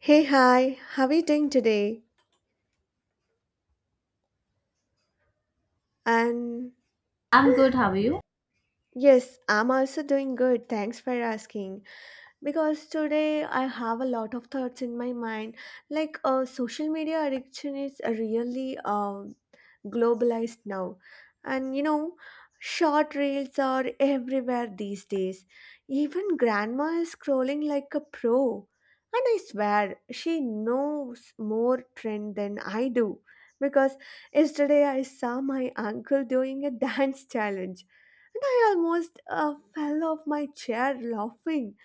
Hey, hi, how are you doing today? And I'm good. How are you? Yes, I'm also doing good. Thanks for asking. Because today I have a lot of thoughts in my mind. Like, social media addiction is really globalized now. And short reels are everywhere these days. Even grandma is scrolling like a pro. And I swear, she knows more trend than I do. Because yesterday I saw my uncle doing a dance challenge and I almost fell off my chair laughing.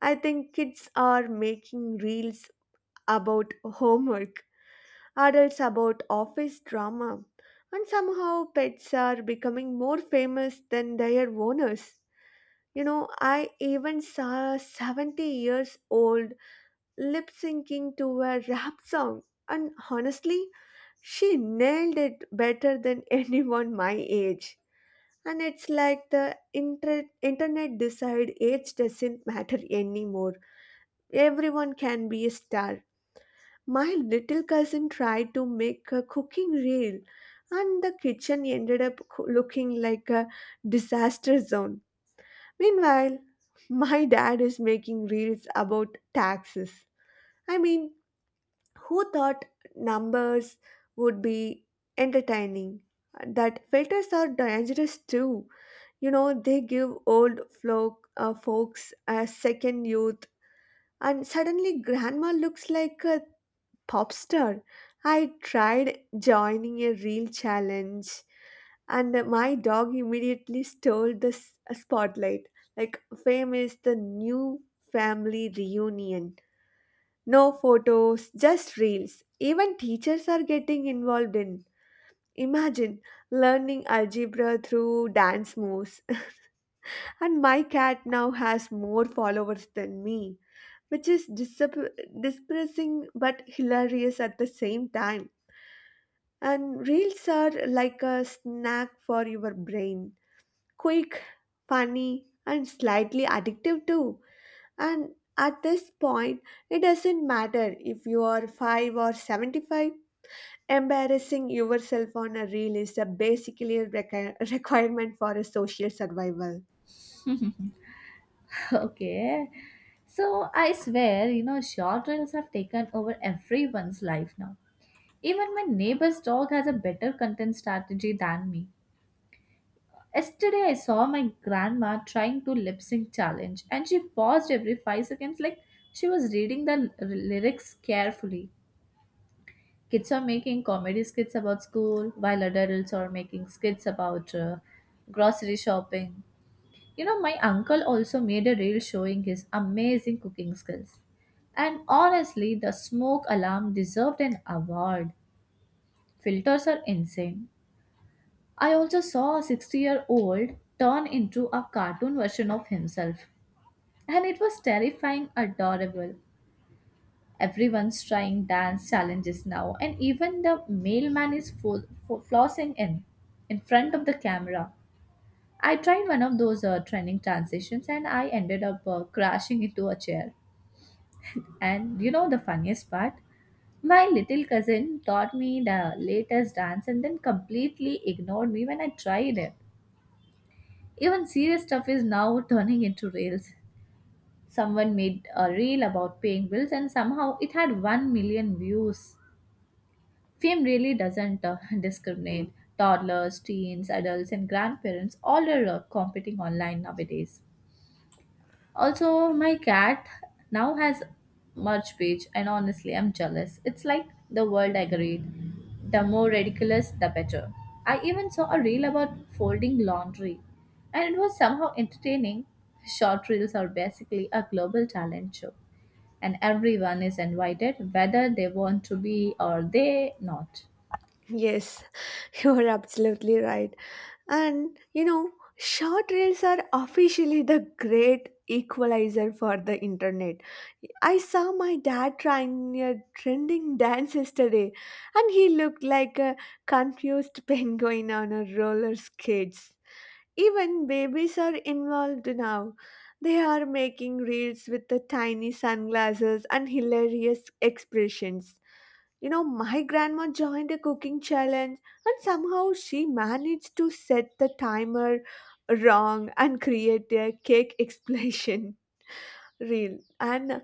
I think kids are making reels about homework, adults about office drama, and somehow pets are becoming more famous than their owners. I even saw a 70 years old lip syncing to a rap song, and honestly, she nailed it better than anyone my age. And it's like the internet decide age doesn't matter anymore. Everyone can be a star. My little cousin tried to make a cooking reel, and the kitchen ended up looking like a disaster zone. Meanwhile, my dad is making reels about taxes. I mean, who thought numbers would be entertaining? That filters are dangerous too. They give old folks a second youth, and suddenly grandma looks like a pop star. I tried joining a real challenge, and my dog immediately stole the spotlight. Like, fame is the new family reunion. No photos, just reels. Even teachers are getting involved in. Imagine learning algebra through dance moves. And my cat now has more followers than me, which is depressing but hilarious at the same time. And reels are like a snack for your brain. Quick, funny, and slightly addictive too. And at this point, it doesn't matter if you are 5 or 75. Embarrassing yourself on a reel is a basically a requirement for a social survival. Okay. So I swear, you know, short reels have taken over everyone's life now. Even my neighbor's dog has a better content strategy than me. Yesterday I saw my grandma trying to lip sync challenge and she paused every 5 seconds like she was reading the lyrics carefully. Kids are making comedy skits about school while adults are making skits about grocery shopping. You know, my uncle also made a reel showing his amazing cooking skills. And honestly, the smoke alarm deserved an award. Filters are insane. I also saw a 60-year-old turn into a cartoon version of himself. And it was terrifying, adorable. Everyone's trying dance challenges now, and even the mailman is flossing in front of the camera. I tried one of those trending transitions and I ended up crashing into a chair. And you know the funniest part? My little cousin taught me the latest dance and then completely ignored me when I tried it. Even serious stuff is now turning into reels. Someone made a reel about paying bills and somehow it had 1 million views. Fame really doesn't discriminate. Toddlers, teens, adults, and grandparents all are competing online nowadays. Also, my cat now has merch page, and honestly, I'm jealous. It's like the world agreed. The more ridiculous, the better. I even saw a reel about folding laundry, and it was somehow entertaining. Short reels are basically a global talent show, and everyone is invited, whether they want to be or they not. Yes, you are absolutely right. And short reels are officially the great equalizer for the internet. I saw my dad trying a trending dance yesterday, and he looked like a confused penguin on a roller skates. Even babies are involved now. They are making reels with the tiny sunglasses and hilarious expressions. My grandma joined a cooking challenge, and somehow she managed to set the timer wrong and create a cake explosion reel. And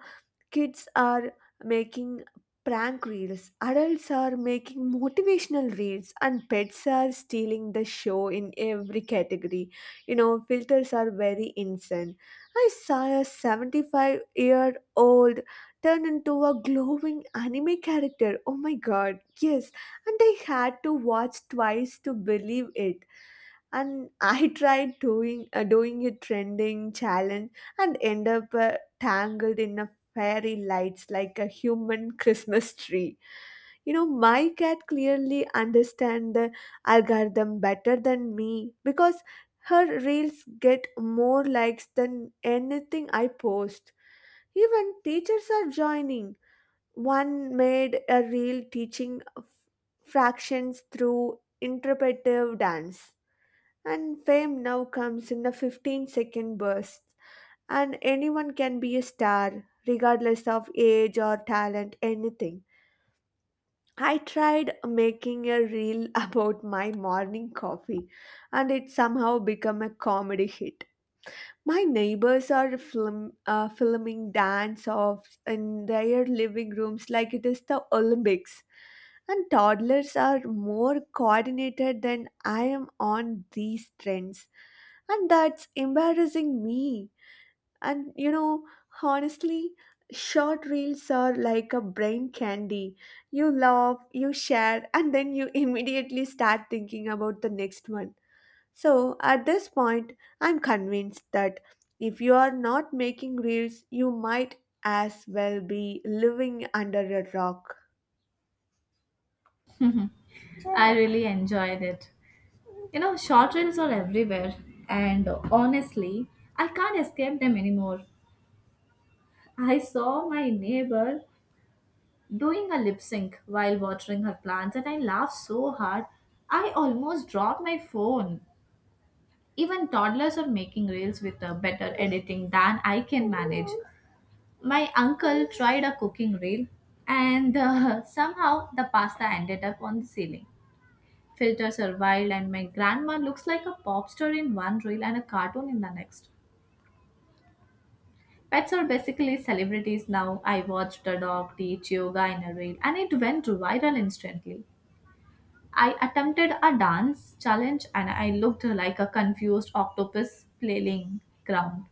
kids are making prank reels, adults are making motivational reels, and pets are stealing the show in every category. Filters are very insane. I saw a 75-year-old turn into a glowing anime character. Oh my god, yes, and I had to watch twice to believe it. And I tried doing a trending challenge and end up tangled in a fairy lights like a human Christmas tree. My cat clearly understand the algorithm better than me because her reels get more likes than anything I post. Even teachers are joining. One made a reel teaching fractions through interpretive dance. And fame now comes in a 15-second bursts, and anyone can be a star, regardless of age or talent, anything. I tried making a reel about my morning coffee, and it somehow became a comedy hit. My neighbors are filming dance offs in their living rooms like it is the Olympics. And toddlers are more coordinated than I am on these trends, and that's embarrassing me. And honestly, short reels are like a brain candy. You laugh, you share, and then you immediately start thinking about the next one. So at this point, I'm convinced that if you are not making reels, you might as well be living under a rock. I really enjoyed it. You know, short reels are everywhere, and honestly, I can't escape them anymore. I saw my neighbor doing a lip sync while watering her plants, and I laughed so hard I almost dropped my phone. Even toddlers are making reels with a better editing than I can manage. My uncle tried a cooking reel, and somehow the pasta ended up on the ceiling. Filters are wild, and my grandma looks like a pop star in one reel and a cartoon in the next. Pets are basically celebrities now. I watched a dog teach yoga in a reel and it went viral instantly. I attempted a dance challenge and I looked like a confused octopus flailing ground.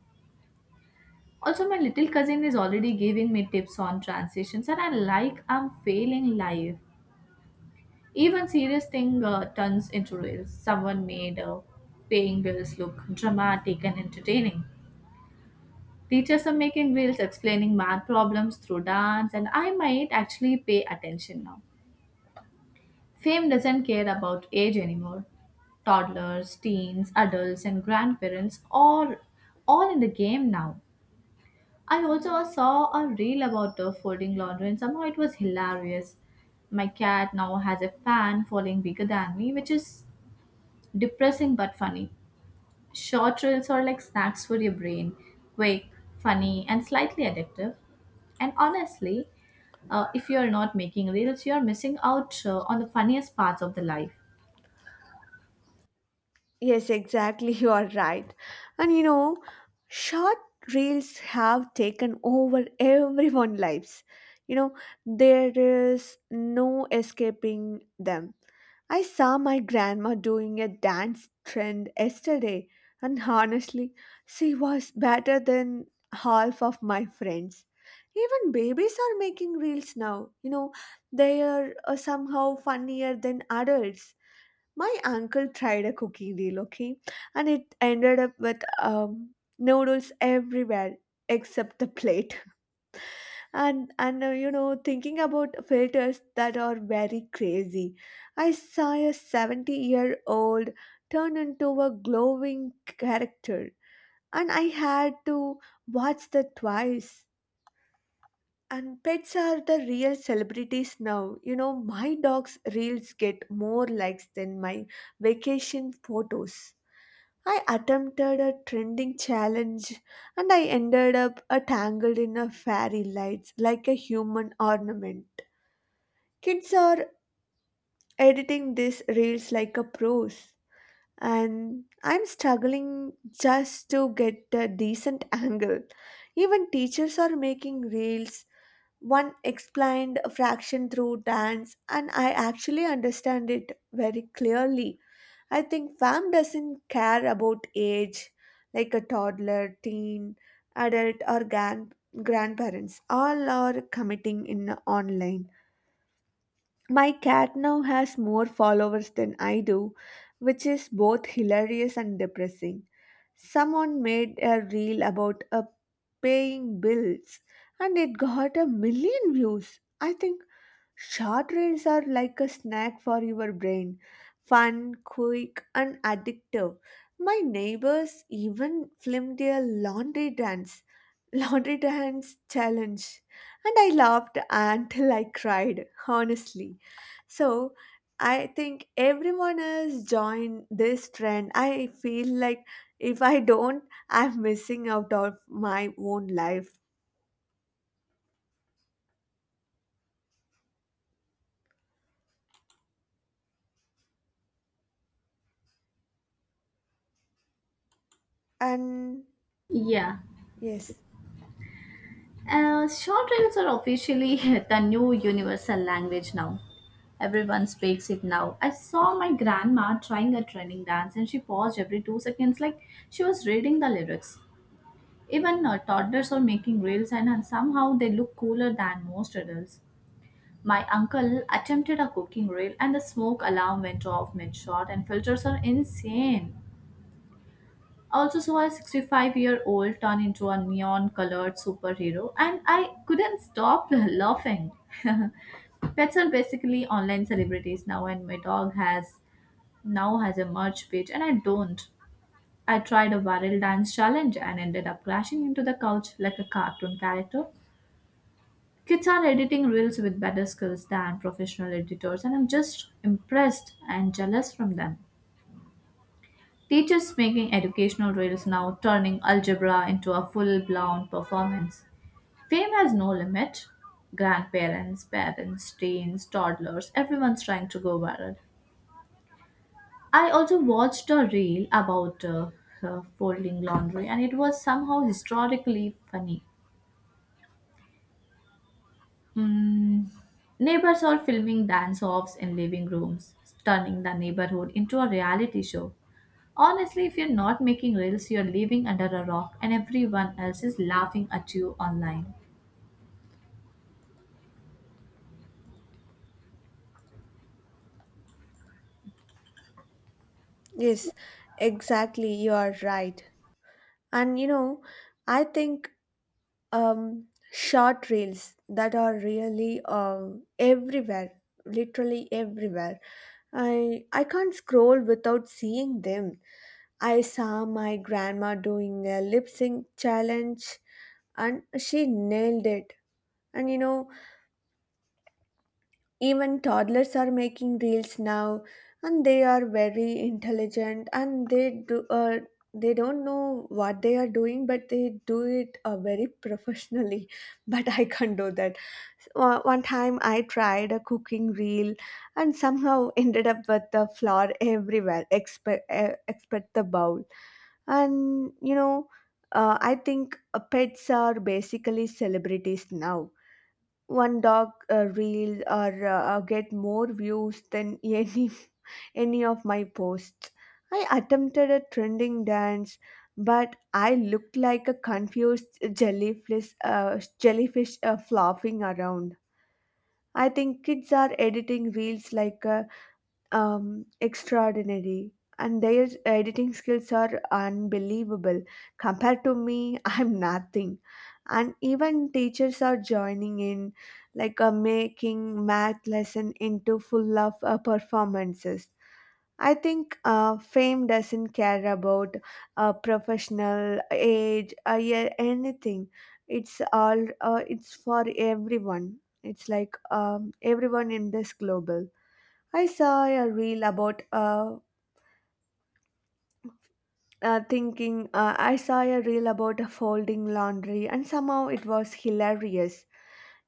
Also, my little cousin is already giving me tips on transitions and I like I'm failing life. Even serious thing turns into reels. Someone made paying bills look dramatic and entertaining. Teachers are making reels explaining math problems through dance, and I might actually pay attention now. Fame doesn't care about age anymore. Toddlers, teens, adults, and grandparents are all in the game now. I also saw a reel about folding laundry, and somehow it was hilarious. My cat now has a fan following bigger than me, which is depressing but funny. Short reels are like snacks for your brain, quick, funny, and slightly addictive. And honestly, if you are not making reels, you are missing out on the funniest parts of the life. Yes, exactly. You are right. And short reels have taken over everyone's lives. You know, there is no escaping them. I saw my grandma doing a dance trend yesterday, and honestly, she was better than half of my friends. Even babies are making reels now. They are somehow funnier than adults. My uncle tried a cooking deal, okay, and it ended up with noodles everywhere except the plate. Thinking about filters that are very crazy, I saw a 70-year-old turn into a glowing character, and I had to watch that twice. And pets are the real celebrities now. My dog's reels get more likes than my vacation photos. I attempted a trending challenge, and I ended up tangled in a fairy lights like a human ornament. Kids are editing these reels like a pros, and I'm struggling just to get a decent angle. Even teachers are making reels. One explained a fraction through dance, and I actually understand it very clearly. I think fam doesn't care about age, like a toddler, teen, adult, or grandparents. All are committing in online. My cat now has more followers than I do, which is both hilarious and depressing. Someone made a reel about a paying bills, and it got a million views. I think short reels are like a snack for your brain, fun, quick, and addictive. My neighbors even filmed their laundry dance, laundry dance challenge, and I laughed until I cried, honestly. So I think everyone has joined this trend. I feel like if I don't, I'm missing out of my own life. And Yeah. yes. Short reels are officially the new universal language now. Everyone speaks it now. I saw my grandma trying a training dance and she paused every 2 seconds like she was reading the lyrics. Even toddlers are making reels and somehow they look cooler than most adults. My uncle attempted a cooking reel and the smoke alarm went off mid-shot and filters are insane. I also saw a 65-year-old turn into a neon-colored superhero and I couldn't stop laughing. Pets are basically online celebrities now and my dog has now has a merch page and I don't. I tried a viral dance challenge and ended up crashing into the couch like a cartoon character. Kids are editing reels with better skills than professional editors, and I'm just impressed and jealous from them. Teachers making educational reels now turning algebra into a full blown performance. Fame has no limit. Grandparents, parents, teens, toddlers, everyone's trying to go viral. I also watched a reel about folding laundry, and it was somehow historically funny. Mm, neighbors are filming dance offs in living rooms, turning the neighborhood into a reality show. Honestly, if you're not making reels, you're living under a rock and everyone else is laughing at you online. Yes, exactly. You are right. And I think um, short reels that are really everywhere, literally everywhere. I can't scroll without seeing them. I saw my grandma doing a lip sync challenge, and she nailed it. And you know, Even toddlers are making reels now, and they are very intelligent and they don't know what they are doing, but they do it very professionally. But I can't do that. One time I tried a cooking reel and somehow ended up with the flour everywhere, except the bowl. And you know, I think pets are basically celebrities now. One dog reel or get more views than any of my posts. I attempted a trending dance, but I looked like a confused jellyfish flopping around. I think kids are editing reels like a extraordinary, and their editing skills are unbelievable compared to me. I'm nothing. And even teachers are joining in, like making math lesson into full of performances. I think fame doesn't care about professional age, yeah, anything. It's all it's for everyone. It's like everyone in this global. I saw a reel about thinking I saw a reel about folding laundry, and somehow it was hilarious.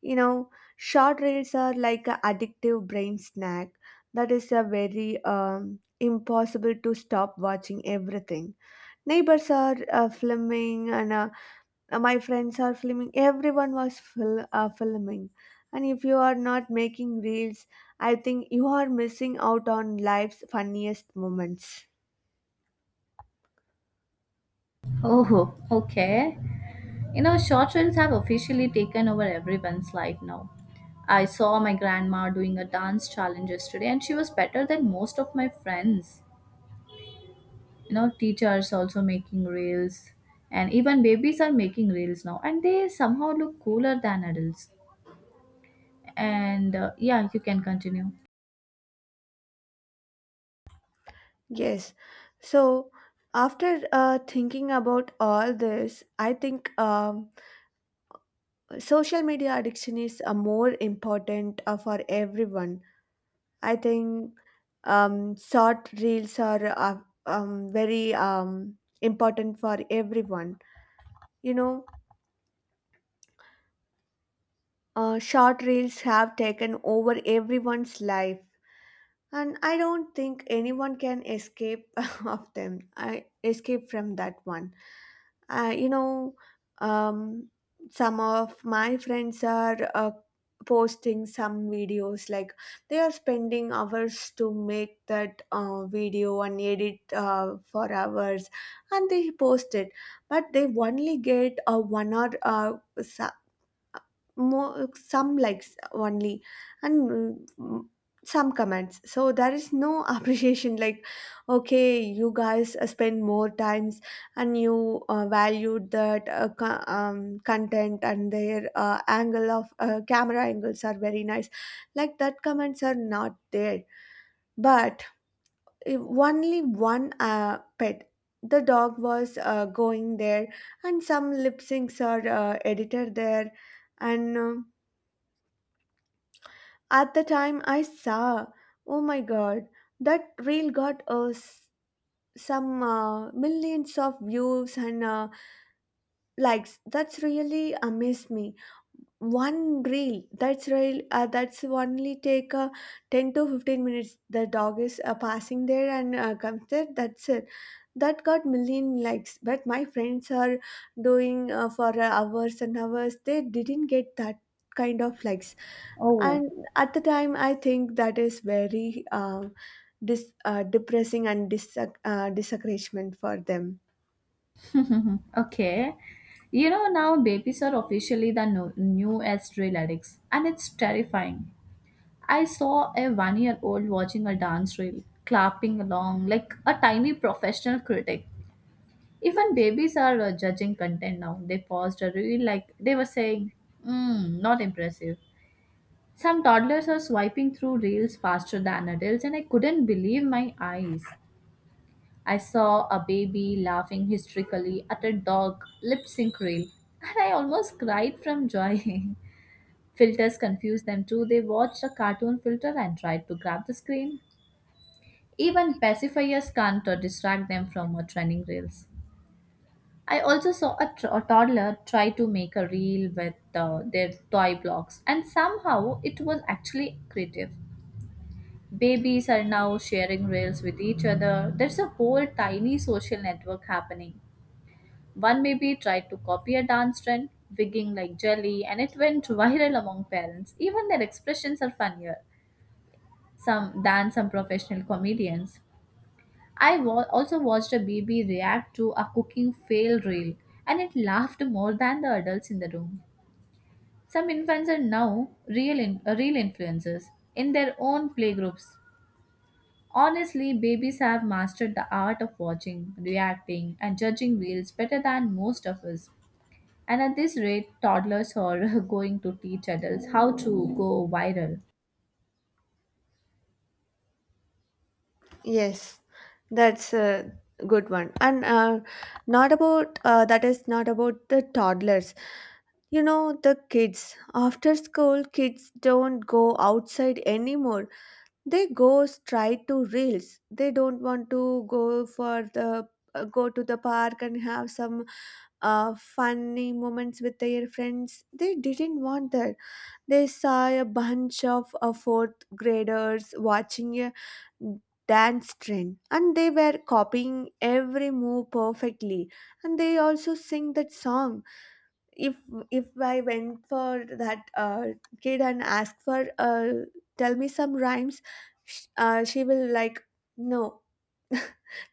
You know, short reels are like an addictive brain snack that is a very impossible to stop watching everything. Neighbors are filming, and my friends are filming. Everyone was filming. And if you are not making reels, I think you are missing out on life's funniest moments. Oh, okay. You know, short reels have officially taken over everyone's life now. I saw my grandma doing a dance challenge yesterday and she was better than most of my friends. You know, teachers also making reels, and even babies are making reels now and they somehow look cooler than adults. And yeah, you can continue. Yes. So after thinking about all this, I think social media addiction is more important for everyone. I think short reels are very important for everyone. You know, short reels have taken over everyone's life, and I don't think anyone can escape of them. I escape from that one uh, you know um, some of my friends are posting some videos like they are spending hours to make that video and edit for hours, and they post it, but they only get a 1 hour s- more some likes only, and mm, some comments, so there is no appreciation. Like, okay, you guys spend more times and you valued that content, and their angle of camera angles are very nice. Like that, comments are not there. But if only one pet, the dog was going there, and some lip syncs are edited there, and at the time I saw, oh my god, that reel got some millions of views and likes. That's really amazed me. One reel, that's real that's only take 10 to 15 minutes, the dog is passing there and comes there, that's it. That got million likes, but my friends are doing for hours and hours. They didn't get that kind of likes. Oh. And at the time I think that is very depressing and discouragement for them. Okay. You know, now babies are officially the newest reel addicts and it's terrifying. I saw a 1 year old watching a dance reel clapping along like a tiny professional critic. Even babies are judging content now. They paused a reel like they were saying, mm, not impressive. Some toddlers are swiping through reels faster than adults, and I couldn't believe my eyes. I saw a baby laughing hysterically at a dog lip sync reel, and I almost cried from joy. Filters confused them too. They watched a cartoon filter and tried to grab the screen. Even pacifiers can't distract them from trending reels. I also saw a, a toddler try to make a reel with their toy blocks, and somehow it was actually creative. Babies are now sharing reels with each other. There's a whole tiny social network happening. One baby tried to copy a dance trend, wigging like jelly, and it went viral among parents. Even their expressions are funnier some than some professional comedians. Also watched a baby react to a cooking fail reel, and it laughed more than the adults in the room. Some infants are now real, real influencers in their own playgroups. Honestly, babies have mastered the art of watching, reacting, and judging wheels better than most of us. And at this rate, toddlers are going to teach adults how to go viral. Yes, that's a good one. And not about that is not about the toddlers. The kids. After school, kids don't go outside anymore. They go straight to reels. They don't want to go to the park and have some funny moments with their friends. They didn't want that. They saw a bunch of fourth graders watching a dance trend, and they were copying every move perfectly, and they also sing that song. If If I went for that kid and asked for, tell me some rhymes, she will like no.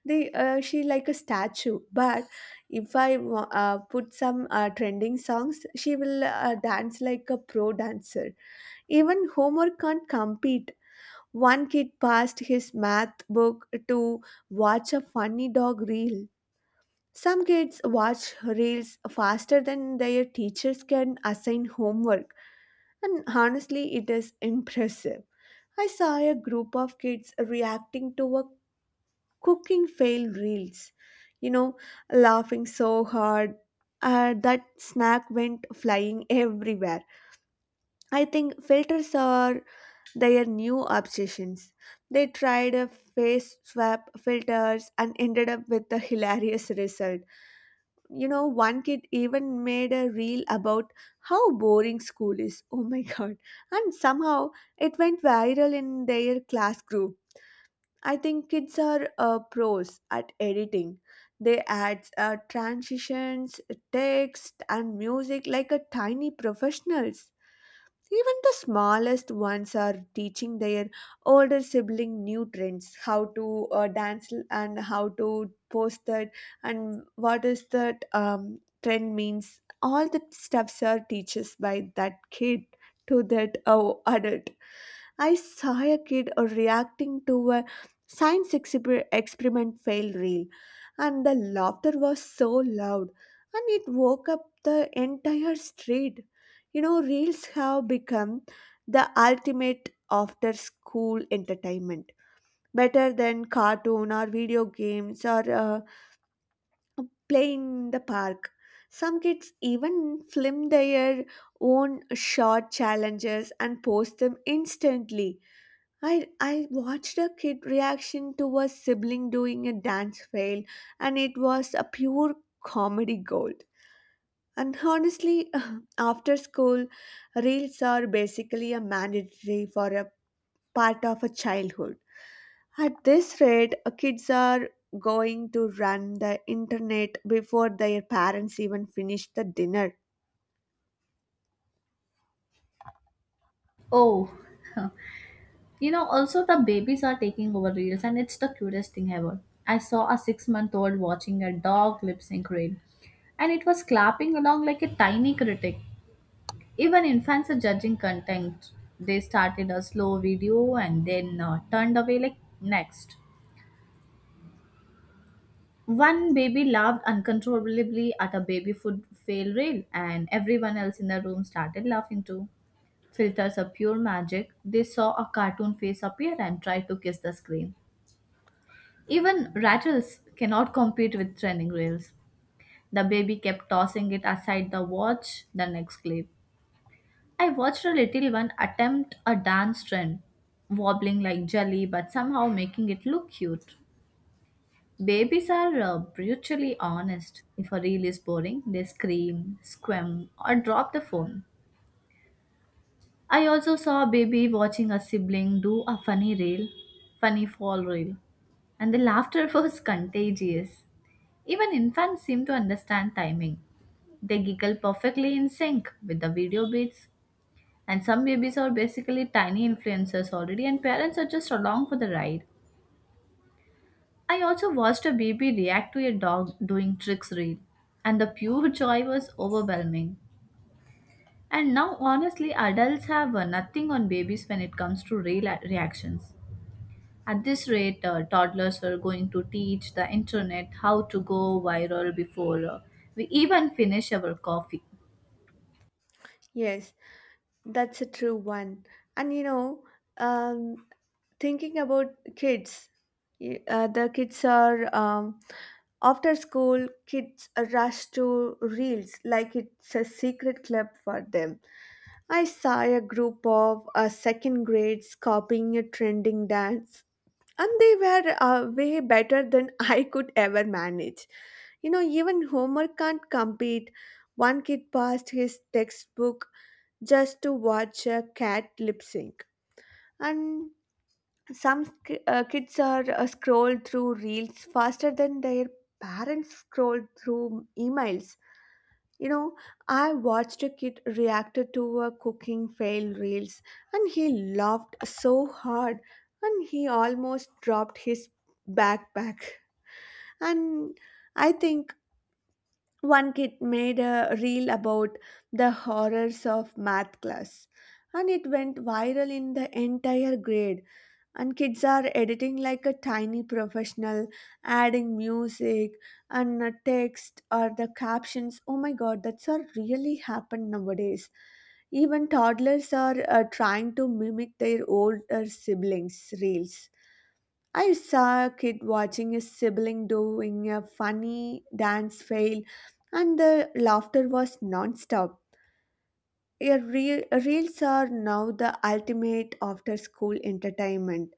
they she like a statue. But if I put some trending songs, she will dance like a pro dancer. Even homework can't compete. One kid passed his math book to watch a funny dog reel. Some kids watch reels faster than their teachers can assign homework, and honestly, it is impressive. I saw a group of kids reacting to a cooking fail reels, you know, laughing so hard that snack went flying everywhere. I think filters are their new obsessions. They tried a face swap filters and ended up with a hilarious result. You know, one kid even made a reel about how boring school is. Oh my god. And somehow it went viral in their class group. I think kids are pros at editing. They add transitions, text, and music like a tiny professionals. Even the smallest ones are teaching their older sibling new trends, how to dance and how to post that and what is that trend means. All the stuffs are teaches by that kid to that adult. I saw a kid reacting to a experiment fail reel, and the laughter was so loud, and it woke up the entire street. You know, reels have become the ultimate after school entertainment, better than cartoon or video games or playing in the park. Some kids even film their own short challenges and post them instantly. I watched a kid reaction to a sibling doing a dance fail, and it was a pure comedy gold. And honestly, after school, reels are basically a mandatory for a part of a childhood. At this rate, kids are going to run the internet before their parents even finish the dinner. Oh, you know, also the babies are taking over reels, and it's the cutest thing ever. I saw a 6 month old watching a dog lip sync reel, and it was clapping along like a tiny critic. Even infants are judging content. They started a slow video and then turned away like next. One baby laughed uncontrollably at a baby food fail reel, and everyone else in the room started laughing too. Filters are pure magic. They saw a cartoon face appear and tried to kiss the screen. Even rattles cannot compete with trending reels. The baby kept tossing it aside the watch, the next clip. I watched a little one attempt a dance trend, wobbling like jelly but somehow making it look cute. Babies are brutally honest. If a reel is boring, they scream, squirm, or drop the phone. I also saw a baby watching a sibling do a funny fall reel, and the laughter was contagious. Even infants seem to understand timing. They giggle perfectly in sync with the video beats. And some babies are basically tiny influencers already, and parents are just along for the ride. I also watched a baby react to a dog doing tricks reel, and the pure joy was overwhelming. And now, honestly, adults have nothing on babies when it comes to real reactions. At this rate, toddlers are going to teach the internet how to go viral before we even finish our coffee. Yes, that's a true one. And you know, um, thinking about kids, the kids are, after school kids rush to reels like it's a secret club for them. I saw a group of second grades copying a trending dance, and they were way better than I could ever manage. You know, even homer can't compete. One kid passed his textbook just to watch a cat lip sync. And kids are scroll through reels faster than their parents scroll through emails, you know. I watched a kid reacted to a cooking fail reels, and he laughed so hard, and he almost dropped his backpack. And I think one kid made a reel about the horrors of math class, and it went viral in the entire grade. And kids are editing like a tiny professional, adding music and text or the captions. Oh my god, that's all really happened nowadays. Even toddlers are trying to mimic their older siblings reels. I saw a kid watching his sibling doing a funny dance fail, and the laughter was non-stop. Your reels are now the ultimate after school entertainment,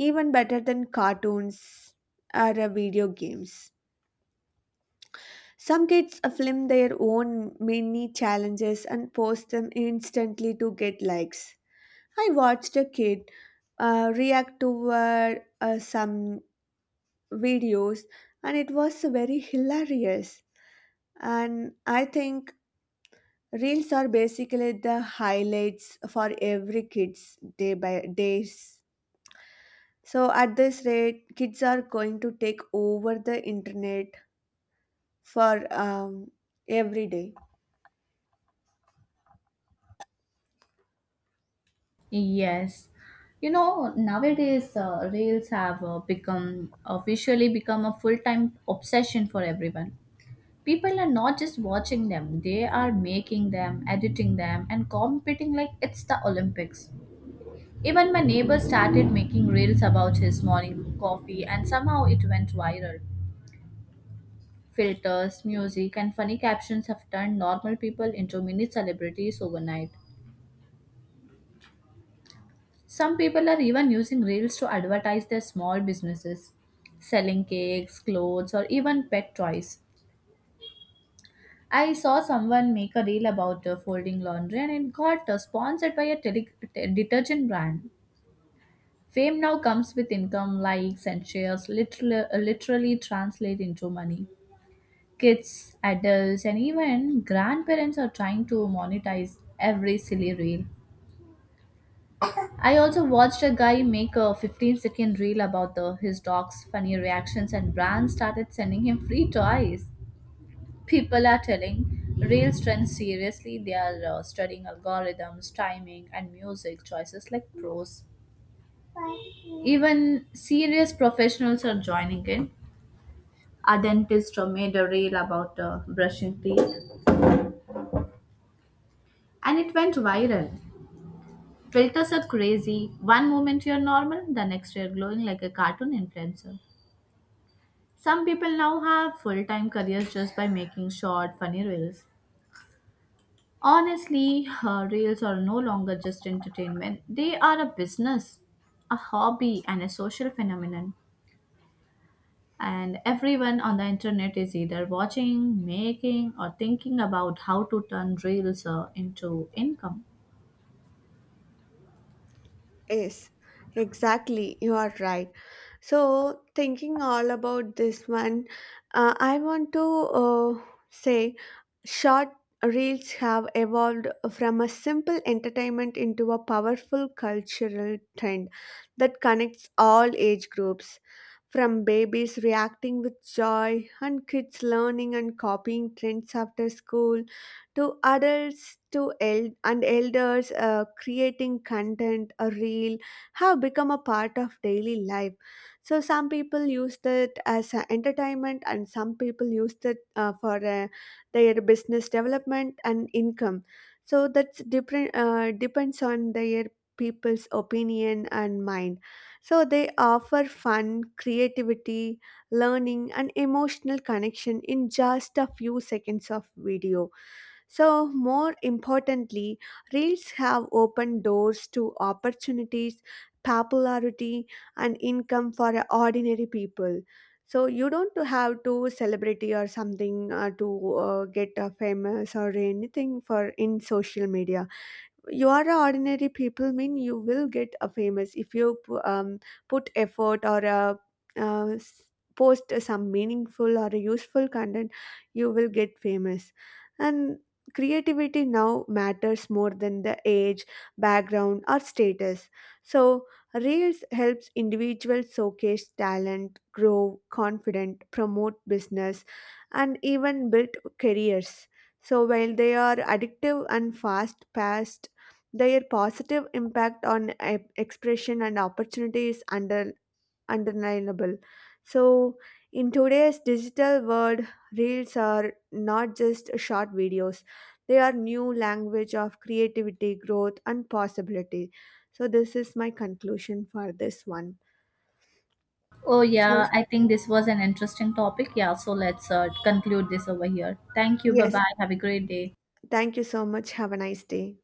even better than cartoons or video games. Some kids film their own mini challenges and post them instantly to get likes. I watched a kid react to some videos, and it was very hilarious. And I think reels are basically the highlights for every kid's day by days. So at this rate, kids are going to take over the internet for every day. Yes. You know, nowadays reels have become officially become a full-time obsession for everyone. People are not just watching them, they are making them, editing them, and competing like it's the Olympics. Even my neighbor started making reels about his morning coffee and somehow it went viral. Filters, music, and funny captions have turned normal people into mini celebrities overnight. Some people are even using reels to advertise their small businesses, selling cakes, clothes, or even pet toys. I saw someone make a reel about folding laundry and it got sponsored by a detergent brand. Fame now comes with income, likes, and shares, literally, literally translate into money. Kids, adults, and even grandparents are trying to monetize every silly reel. I also watched a guy make a 15-second reel about his dog's funny reactions, and brands started sending him free toys. People are telling real trends seriously. They are studying algorithms, timing, and music choices like pros. Even serious professionals are joining in. A dentist made a reel about brushing teeth and it went viral. Filters are crazy. One moment you're normal, the next you're glowing like a cartoon influencer. Some people now have full-time careers just by making short funny reels. Honestly, reels are no longer just entertainment. They are a business, a hobby, and a social phenomenon. And everyone on the internet is either watching, making, or thinking about how to turn reels into income. Yes, exactly. You are right. So, thinking all about this one, I want to say short reels have evolved from a simple entertainment into a powerful cultural trend that connects all age groups. From babies reacting with joy and kids learning and copying trends after school to adults to and elders creating content, a reel have become a part of daily life. So some people use it as a entertainment, and some people use it for their business development and income. So that's different, depends on their people's opinion and mind. So they offer fun, creativity, learning, and emotional connection in just a few seconds of video. So, more importantly, reels have opened doors to opportunities, popularity, and income for ordinary people. So, you don't have to celebrity or something to get famous or anything for in social media. You are a ordinary people mean you will get a famous if you put effort or post some meaningful or useful content, you will get famous. And creativity now matters more than the age, background, or status. So reels helps individuals showcase talent, grow confident, promote business, and even build careers. So while they are addictive and fast paced, their positive impact on expression and opportunity is undeniable. So, in today's digital world, reels are not just short videos, they are new language of creativity, growth, and possibility. So, this is my conclusion for this one. Oh, yeah, So, I think this was an interesting topic. Yeah, so let's conclude this over here. Thank you. Bye yes, bye. Have a great day. thank you so much. Have a nice day.